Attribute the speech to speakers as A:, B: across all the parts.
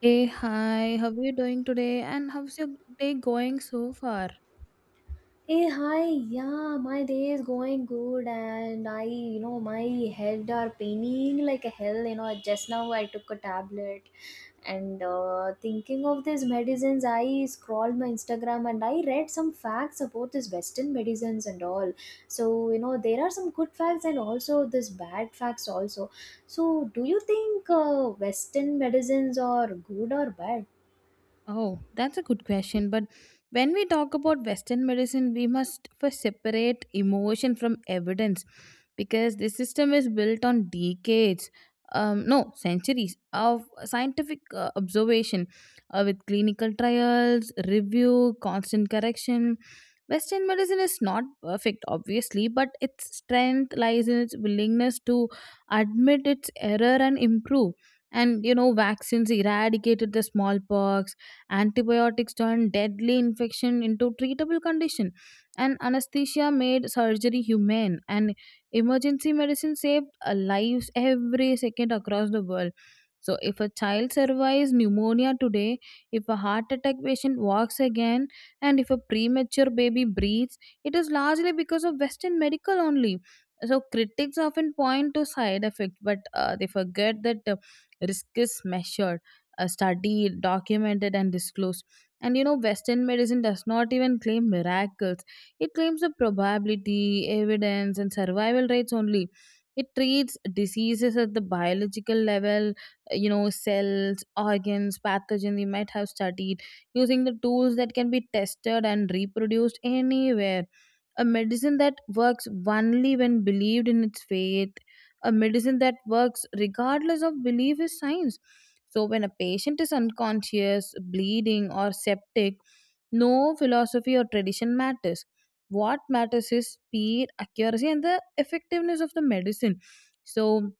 A: Hey, hi, how are you doing today? And how's your day going so far?
B: Hey, hi, yeah, my day is going good, and my head are paining like a hell. You know, just now I took a tablet, and thinking of these medicines, I scrolled my Instagram and I read some facts about this Western medicines and all. So, you know, there are some good facts and also this bad facts also. So, do you think Western medicines are good or bad?
A: Oh, that's a good question. But when we talk about Western medicine, we must first separate emotion from evidence because this system is built on decades, no, centuries of scientific observation with clinical trials, review, constant correction. Western medicine is not perfect, obviously, but its strength lies in its willingness to admit its error and improve. And you know, vaccines eradicated the smallpox. Antibiotics turned deadly infection into treatable condition, and anesthesia made surgery humane. And emergency medicine saved lives every second across the world. So, if a child survives pneumonia today, if a heart attack patient walks again, and if a premature baby breathes, it is largely because of Western medical only. So, critics often point to side effects, but they forget that the risk is measured, a study documented and disclosed. And you know, western medicine does not even claim miracles. It claims the probability, evidence, and survival rates only. It treats diseases at the biological level, you know, cells, organs, pathogen we might have studied, using the tools that can be tested and reproduced anywhere. A medicine that works only when believed in, its faith. A medicine that works regardless of belief is science. So, when a patient is unconscious, bleeding, or septic, no philosophy or tradition matters. What matters is speed, accuracy, and the effectiveness of the medicine. So,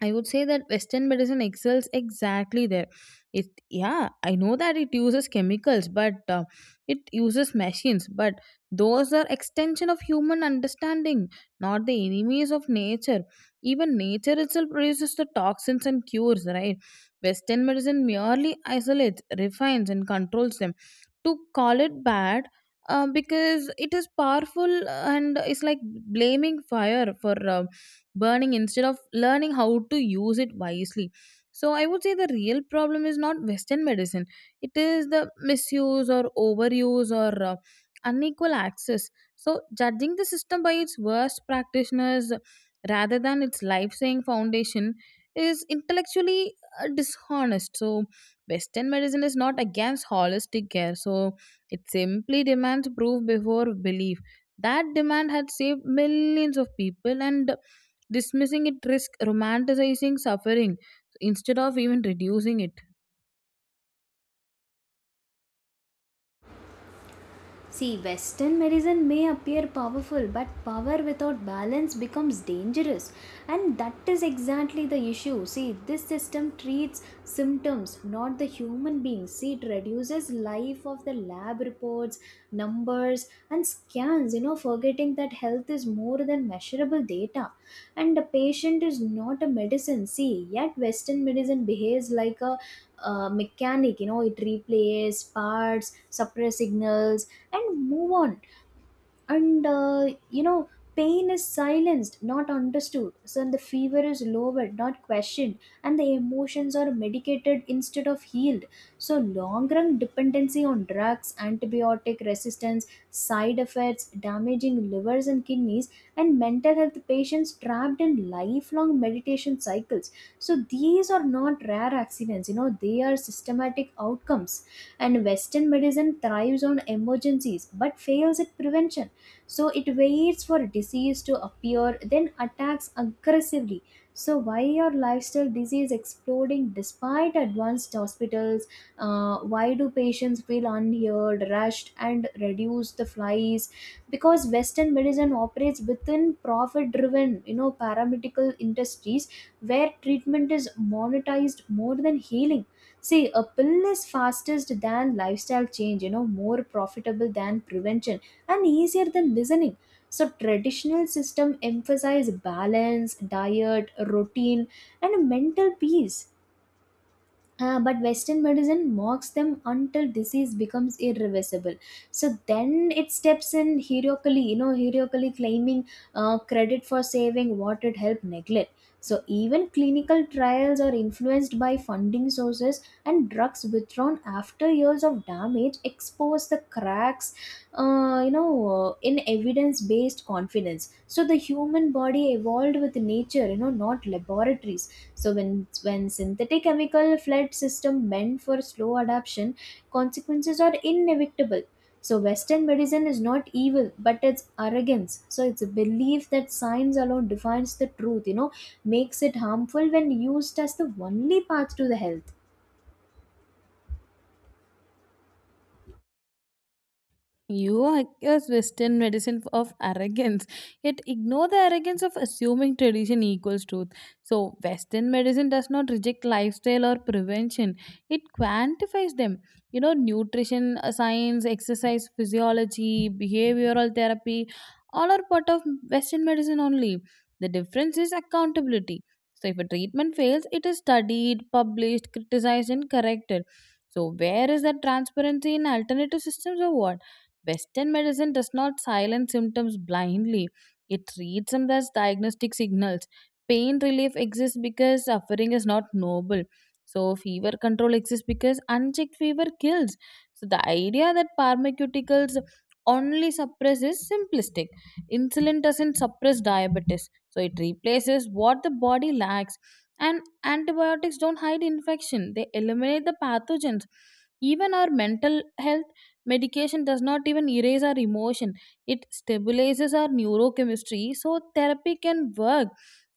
A: I would say that Western medicine excels exactly there. It, yeah, I know that it uses chemicals, but it uses machines. But those are extension of human understanding, not the enemies of nature. Even nature itself produces the toxins and cures, right? Western medicine merely isolates, refines, and controls them. To call it bad because it is powerful and it's like blaming fire for burning instead of learning how to use it wisely. So I would say the real problem is not Western medicine. It is the misuse or overuse or unequal access. So judging the system by its worst practitioners rather than its life-saving foundation is intellectually dishonest. So Western medicine is not against holistic care. So it simply demands proof before belief. That demand had saved millions of people, and dismissing it risks romanticizing suffering instead of even reducing it.
B: See, Western medicine may appear powerful, but power without balance becomes dangerous. And that is exactly the issue. See, this system treats symptoms, not the human beings. See, it reduces life of the lab reports, numbers, and scans, you know, forgetting that health is more than measurable data. And the patient is not a medicine. See, yet Western medicine behaves like a mechanic. You know, it replays parts, suppress signals and move on. And pain is silenced, not understood. So the fever is lowered, not questioned, and the emotions are medicated instead of healed. So long run dependency on drugs, antibiotic resistance, side effects damaging livers and kidneys, and mental health patients trapped in lifelong meditation cycles. So these are not rare accidents, you know, they are systematic outcomes. And Western medicine thrives on emergencies but fails at prevention. So it waits for disease to appear, then attacks aggressively. So why are lifestyle disease exploding despite advanced hospitals? Why do patients feel unheard, rushed, and reduce the flies? Because Western medicine operates within profit driven, you know, paramedical industries where treatment is monetized more than healing. See, a pill is fastest than lifestyle change, you know, more profitable than prevention and easier than listening. So traditional system emphasize balance, diet, routine, and mental peace. But Western medicine mocks them until disease becomes irreversible. So then it steps in heroically, you know, heroically claiming credit for saving what it helped neglect. So even clinical trials are influenced by funding sources, and drugs withdrawn after years of damage expose the cracks, in evidence-based confidence. So the human body evolved with nature, you know, not laboratories. So when synthetic chemical fled system meant for slow adaptation, consequences are inevitable. So Western medicine is not evil, but it's arrogance. So it's a belief that science alone defines the truth, you know, makes it harmful when used as the only path to the health.
A: You accuse Western medicine of arrogance, yet ignore the arrogance of assuming tradition equals truth. So, Western medicine does not reject lifestyle or prevention, it quantifies them. You know, nutrition science, exercise physiology, behavioral therapy, all are part of Western medicine only. The difference is accountability. So, if a treatment fails, it is studied, published, criticized, and corrected. So, where is that transparency in alternative systems or what? Western medicine does not silence symptoms blindly, it treats them as diagnostic signals. Pain relief exists because suffering is not noble. So, fever control exists because unchecked fever kills. So, the idea that pharmaceuticals only suppress is simplistic. Insulin doesn't suppress diabetes, so it replaces what the body lacks. And antibiotics don't hide infection, they eliminate the pathogens. Even our mental health medication does not even erase our emotion, it stabilizes our neurochemistry so therapy can work.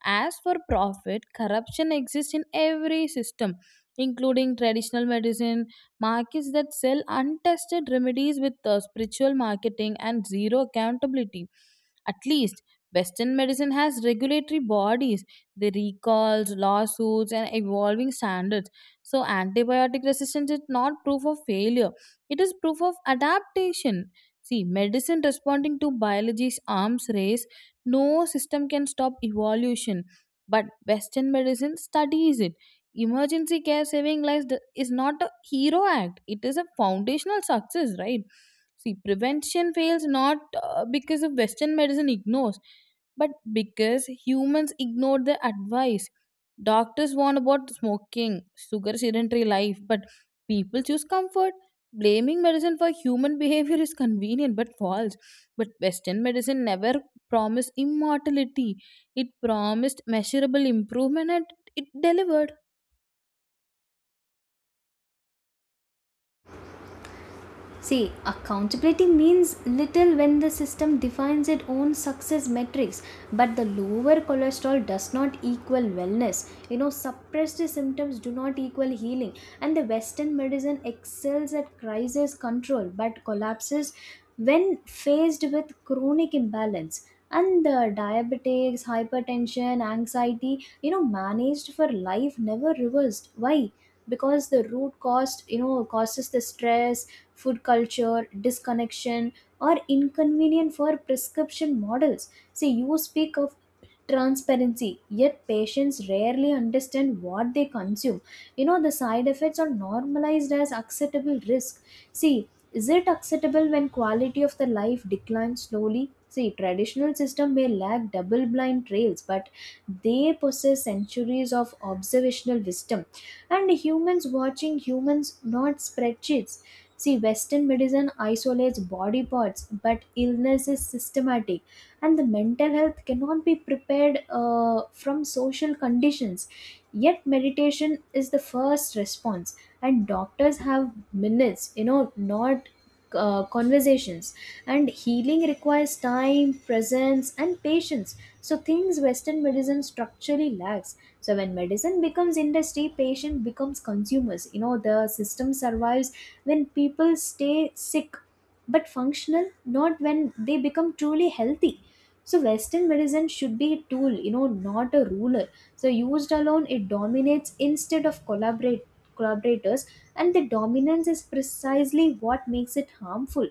A: As for profit, corruption exists in every system, including traditional medicine, markets that sell untested remedies with spiritual marketing and zero accountability. At least, Western medicine has regulatory bodies, the recalls, lawsuits, and evolving standards. So, antibiotic resistance is not proof of failure. It is proof of adaptation. See, medicine responding to biology's arms race, no system can stop evolution. But Western medicine studies it. Emergency care saving lives is not a hero act, it is a foundational success, right? See, prevention fails not because of Western medicine ignores, but because humans ignore the advice. Doctors warn about smoking, sugar, sedentary life, but people choose comfort. Blaming medicine for human behavior is convenient but false. But Western medicine never promised immortality, it promised measurable improvement, and it delivered.
B: See, accountability means little when the system defines its own success metrics, but the lower cholesterol does not equal wellness. You know, suppressed symptoms do not equal healing, and the Western medicine excels at crisis control but collapses when faced with chronic imbalance. And the diabetics, hypertension, anxiety, you know, managed for life, never reversed. Why? Because the root cost, you know, causes the stress, food culture disconnection, or inconvenient for prescription models. See, you speak of transparency yet patients rarely understand what they consume. You know, the side effects are normalized as acceptable risk. See, is it acceptable when quality of the life declines slowly? See, traditional system may lack double blind trails, but they possess centuries of observational wisdom, and humans watching humans, not spreadsheets. See, Western medicine isolates body parts, but illness is systematic, and the mental health cannot be prepared from social conditions. Yet, meditation is the first response, and doctors have minutes, you know, not conversations. And healing requires time, presence, and patience. So, things Western medicine structurally lacks. So when medicine becomes industry, patient becomes consumers. You know, the system survives when people stay sick but functional, not when they become truly healthy. So Western medicine should be a tool, you know, not a ruler. So used alone it dominates instead of collaborate collaborators, and the dominance is precisely what makes it harmful.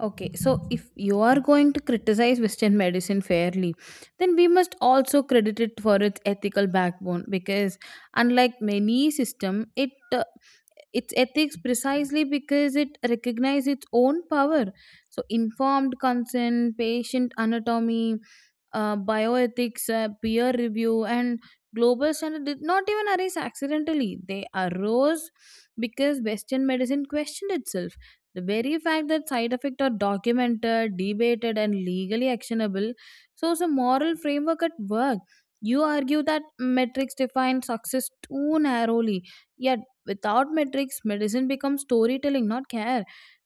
A: Okay, so if you are going to criticize Western medicine fairly, then we must also credit it for its ethical backbone because, unlike many system, it its ethics precisely because it recognizes its own power. So, informed consent, patient anatomy, bioethics, peer review, and global standard did not even arise accidentally. They arose because Western medicine questioned itself. The very fact that side effects are documented, debated, and legally actionable shows a moral framework at work. You argue that metrics define success too narrowly, yet without metrics, medicine becomes storytelling, not care.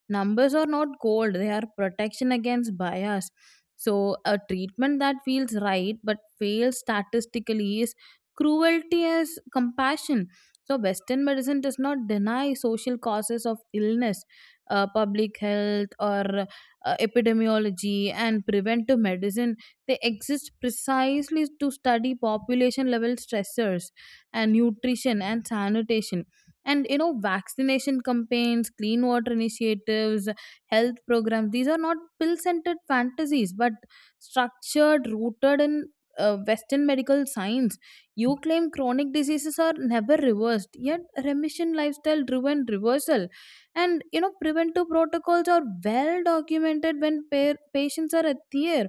A: Numbers are not gold, they are protection against bias. So, a treatment that feels right but fails statistically is cruelty as compassion. So, Western medicine does not deny social causes of illness, public health, or epidemiology, and preventive medicine. They exist precisely to study population level stressors and nutrition and sanitation. And you know, vaccination campaigns, clean water initiatives, health programs. These are not pill centered fantasies, but structured, rooted in Western medical science. You claim chronic diseases are never reversed, yet remission, lifestyle driven reversal. And you know, preventive protocols are well documented when patients are at their.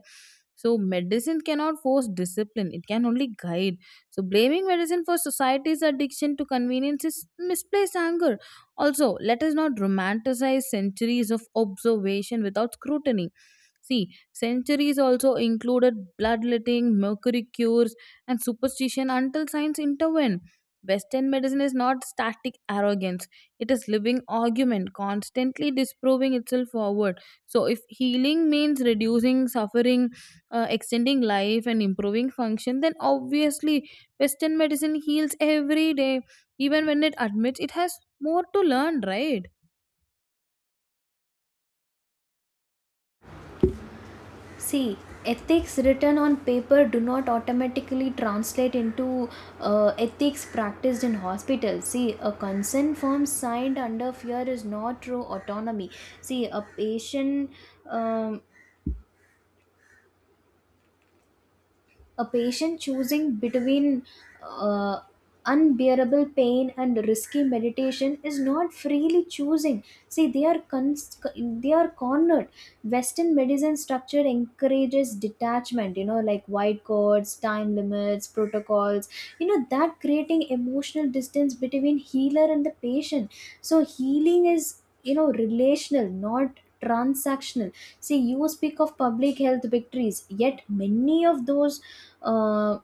A: So, medicine cannot force discipline, it can only guide. So, blaming medicine for society's addiction to convenience is misplaced anger. Also, let us not romanticize centuries of observation without scrutiny. See, centuries also included bloodletting, mercury cures, and superstition until science intervened. Western medicine is not static arrogance, it is living argument, constantly disproving itself forward. So, if healing means reducing suffering, extending life, and improving function, then obviously Western medicine heals every day even when it admits it has more to learn, right?
B: See, ethics written on paper do not automatically translate into ethics practiced in hospitals. See, a consent form signed under fear is not true autonomy. See, a patient um, a patient choosing between uh, unbearable pain and risky meditation is not freely choosing. See, they are cornered. Western medicine structure encourages detachment, you know, like white cords, time limits, protocols, you know, that creating emotional distance between healer and the patient. So healing is, you know, relational, not transactional. See, you speak of public health victories, yet uh,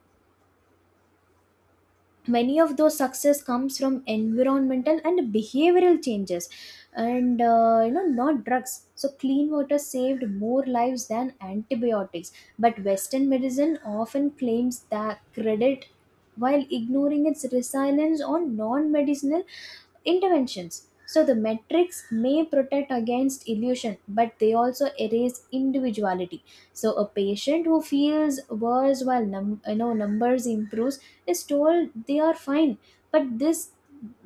B: many of those success comes from environmental and behavioral changes, and not drugs. So clean water saved more lives than antibiotics, but Western medicine often claims that credit while ignoring its resilience on non-medicinal interventions. So the metrics may protect against illusion, but they also erase individuality. So a patient who feels worse while numbers improves is told they are fine, but this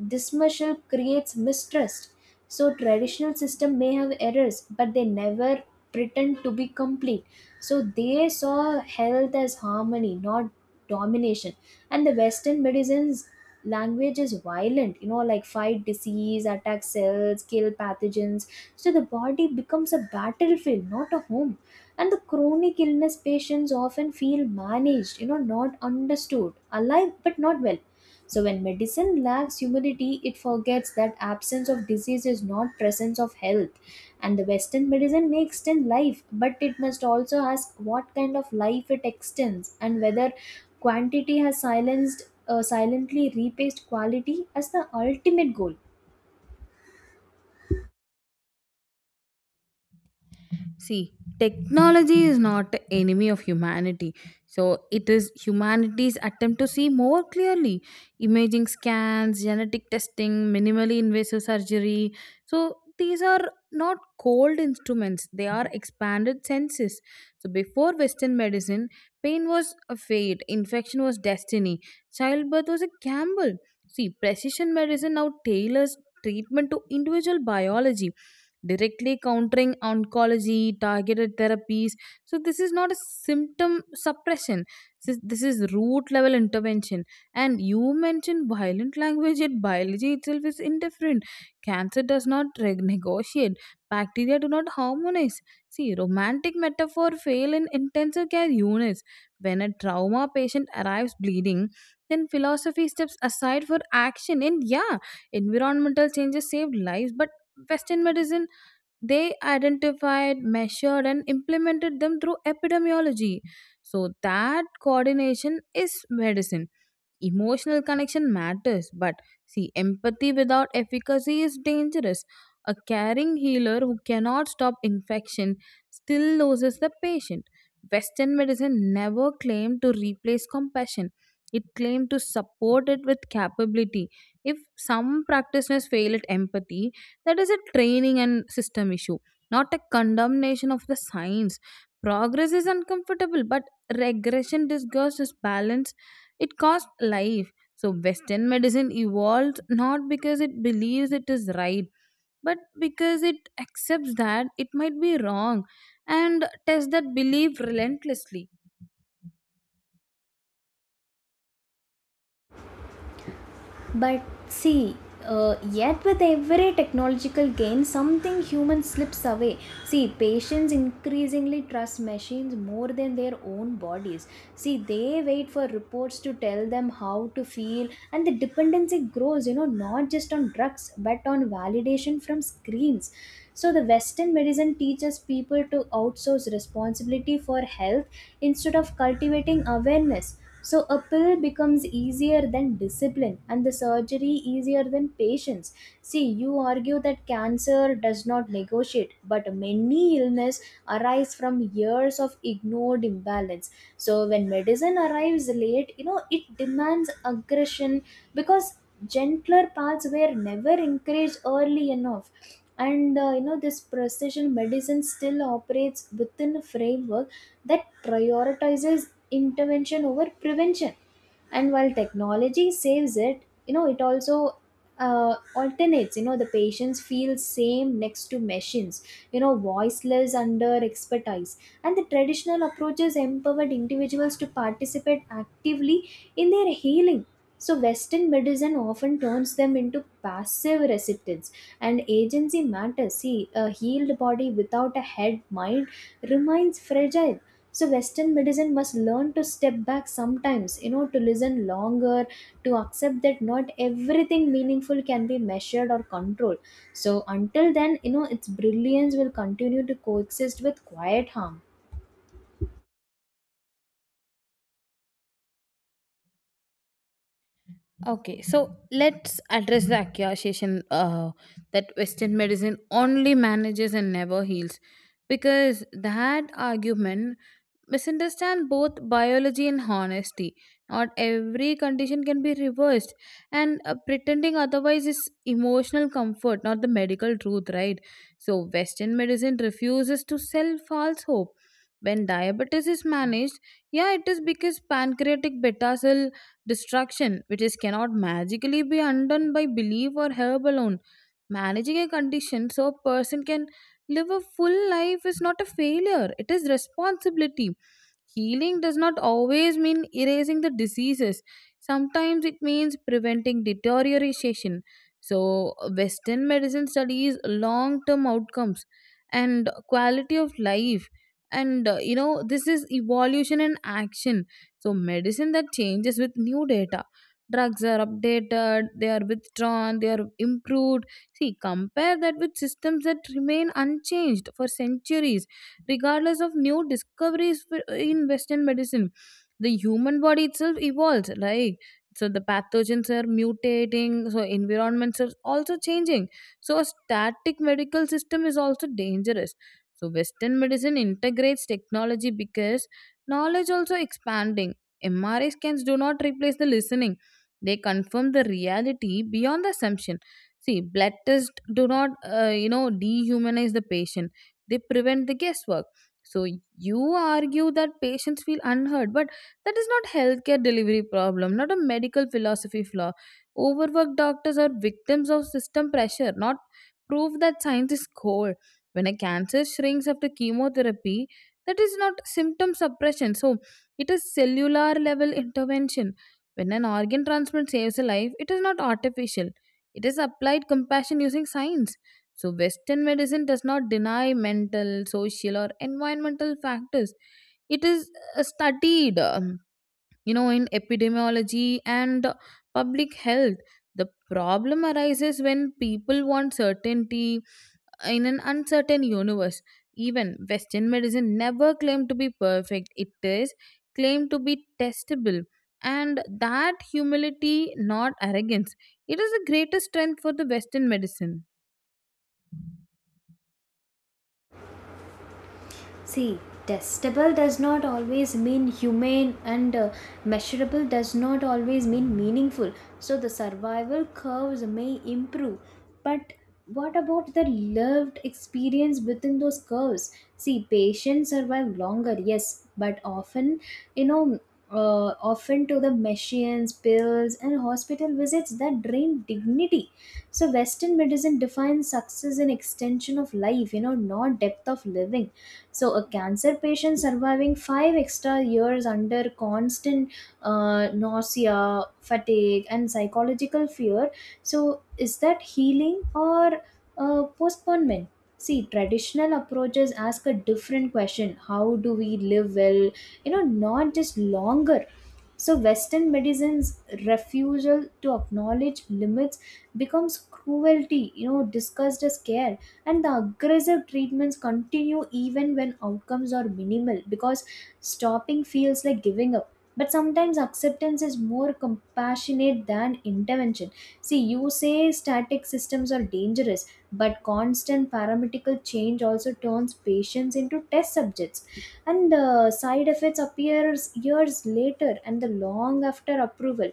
B: dismissal creates mistrust. So traditional system may have errors, but they never pretend to be complete. So they saw health as harmony, not domination. And the Western medicines language is violent, you know, like fight disease, attack cells, kill pathogens. So the body becomes a battlefield, not a home, and the chronic illness patients often feel managed, you know, not understood, alive but not well. So when medicine lacks humility, it forgets that absence of disease is not presence of health. And the Western medicine may extend life, but it must also ask what kind of life it extends and whether quantity has silenced silently replaced quality as the ultimate goal.
A: See, technology is not enemy of humanity. So it is humanity's attempt to see more clearly. Imaging scans, genetic testing, minimally invasive surgery. So these are not cold instruments, they are expanded senses. So before Western medicine, pain was a fate, infection was destiny, childbirth was a gamble. See, precision medicine now tailors treatment to individual biology, directly countering oncology, targeted therapies. So, this is not a symptom suppression. This is root level intervention. And you mentioned violent language, yet biology itself is indifferent. Cancer does not negotiate, bacteria do not harmonize. See, romantic metaphor fail in intensive care units. When a trauma patient arrives bleeding, then philosophy steps aside for action. And yeah, environmental changes saved lives, but Western medicine, they identified, measured, and implemented them through epidemiology. So, that coordination is medicine. Emotional connection matters, but see, empathy without efficacy is dangerous. A caring healer who cannot stop infection still loses the patient. Western medicine never claimed to replace compassion. It claimed to support it with capability. If some practitioners fail at empathy, that is a training and system issue, not a condemnation of the science. Progress is uncomfortable, but regression disguised as balance, it costs life. So, Western medicine evolves not because it believes it is right, but because it accepts that it might be wrong and tests that belief relentlessly.
B: But see, yet with every technological gain, something human slips away. See, patients increasingly trust machines more than their own bodies. See, they wait for reports to tell them how to feel, and the dependency grows, you know, not just on drugs, but on validation from screens. So, the Western medicine teaches people to outsource responsibility for health instead of cultivating awareness. So a pill becomes easier than discipline, and the surgery easier than patience. See, you argue that cancer does not negotiate, but many illness arise from years of ignored imbalance. So when medicine arrives late, you know, it demands aggression because gentler paths were never encouraged early enough. And this precision medicine still operates within a framework that prioritizes intervention over prevention. And while technology saves it, you know, it also alternates. You know, the patients feel same next to machines, you know, voiceless under expertise, and the traditional approaches empowered individuals to participate actively in their healing. So Western medicine often turns them into passive recipients, and agency matters. See, a healed body without a head mind remains fragile. So Western medicine must learn to step back sometimes, you know, to listen longer, to accept that not everything meaningful can be measured or controlled. So until then, you know, its brilliance will continue to coexist with quiet harm.
A: Okay, so let's address the accusation that Western medicine only manages and never heals, because that argument misunderstands both biology and honesty. Not every condition can be reversed, and pretending otherwise is emotional comfort, not the medical truth, right? So, Western medicine refuses to sell false hope. When diabetes is managed, yeah, it is because pancreatic beta cell destruction, which is cannot magically be undone by belief or herb alone. Managing a condition so a person can live a full life is not a failure, it is responsibility. Healing does not always mean erasing the diseases. Sometimes it means preventing deterioration. So, Western medicine studies long term outcomes and quality of life. And you know, this is evolution and action. So, medicine that changes with new data. Drugs are updated, they are withdrawn, they are improved. See, compare that with systems that remain unchanged for centuries regardless of new discoveries. In western medicine, the human body itself evolves. Like, so the pathogens are mutating, so environments are also changing, so a static medical system is also dangerous. So western medicine integrates technology because knowledge also expanding. MRI scans do not replace the listening, they confirm the reality beyond the assumption. See, blood tests do not, you know, dehumanize the patient, they prevent the guesswork. So you argue that patients feel unheard, but that is not healthcare delivery problem, not a medical philosophy flaw. Overworked doctors are victims of system pressure, not proof that science is cold. When a cancer shrinks after chemotherapy, that is not symptom suppression, so it is cellular level intervention. When an organ transplant saves a life, it is not artificial, it is applied compassion using science. So, Western medicine does not deny mental, social, or environmental factors. It is studied, you know, in epidemiology and public health. The problem arises when people want certainty in an uncertain universe. Even Western medicine never claimed to be perfect, it is claimed to be testable. And that humility, not arrogance, it is the greatest strength for the Western medicine.
B: See, testable does not always mean humane, and measurable does not always mean meaningful. So the survival curves may improve, but what about the lived experience within those curves? See, patients survive longer, yes, but often, you know. Often to the machines, pills, and hospital visits that drain dignity. So, Western medicine defines success in extension of life, you know, not depth of living. So, a cancer patient surviving five extra years under constant nausea, fatigue, and psychological fear. So, is that healing or postponement? See, traditional approaches ask a different question. How do we live well? You know, not just longer. So Western medicine's refusal to acknowledge limits becomes cruelty, you know, discussed as care. And the aggressive treatments continue even when outcomes are minimal because stopping feels like giving up. But sometimes acceptance is more compassionate than intervention. See, you say static systems are dangerous, but constant paramedical change also turns patients into test subjects. And side effects appears years later and the long after approval,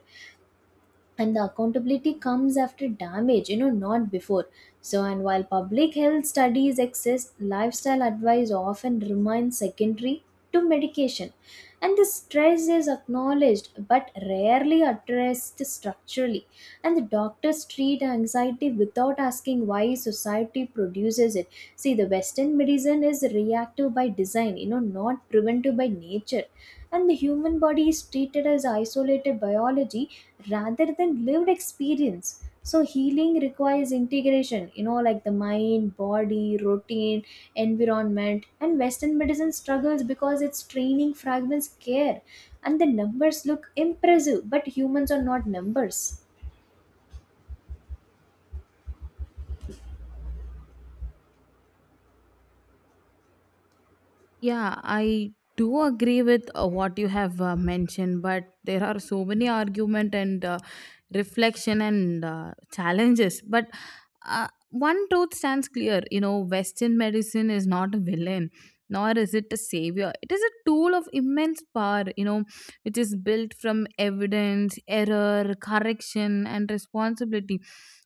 B: and the accountability comes after damage, you know, not before. So and while public health studies exist, lifestyle advice often remains secondary to medication, and the stress is acknowledged but rarely addressed structurally, and the doctors treat anxiety without asking why society produces it. See, the Western medicine is reactive by design, you know, not preventive by nature, and the human body is treated as isolated biology rather than lived experience. So, healing requires integration, you know, like the mind, body, routine, environment, and Western medicine struggles because its training fragments care. And the numbers look impressive, but humans are not numbers.
A: Yeah, I do agree with what you have mentioned, but there are so many argument and reflection and challenges. But one truth stands clear: you know, Western medicine is not a villain, nor is it a savior. It is a tool of immense power. You know, which is built from evidence, error, correction, and responsibility.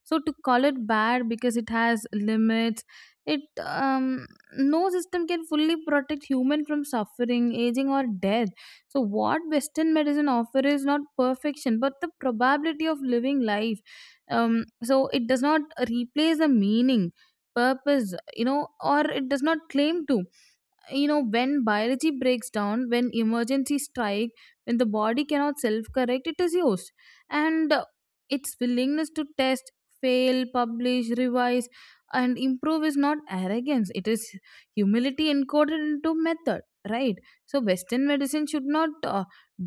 A: So to call it bad because it has limits, it. No system can fully protect human from suffering, aging, or death. So what western medicine offer is not perfection but the probability of living life. So it does not replace the meaning, purpose, you know, or it does not claim to. You know, when biology breaks down, when emergency strike, when the body cannot self correct, it is used. And its willingness to test, fail, publish, revise, and improve is not arrogance, it is humility encoded into method, right? So western medicine should not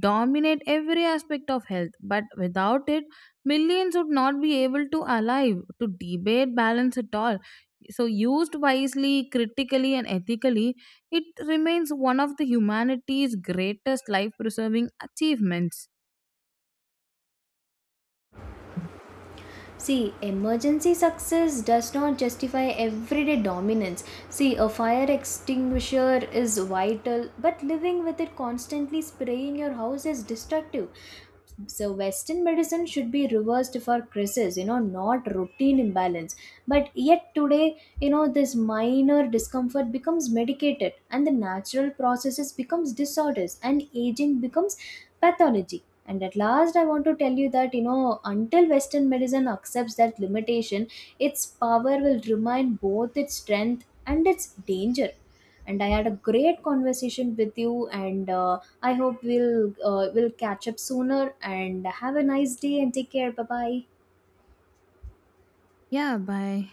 A: dominate every aspect of health, but without it millions would not be able to alive to debate balance at all. So used wisely, critically, and ethically, it remains one of the humanity's greatest life preserving achievements.
B: See, emergency success does not justify everyday dominance. See, a fire extinguisher is vital, but living with it constantly spraying your house is destructive. So Western medicine should be reversed for crisis, you know, not routine imbalance. But yet today, you know, this minor discomfort becomes medicated, and the natural processes becomes disorders, and aging becomes pathology. And at last I want to tell you that, you know, until Western medicine accepts that limitation, its power will remain both its strength and its danger. And I had a great conversation with you, and I hope we'll catch up sooner and have a nice day and take care. Bye bye.
A: Yeah, bye.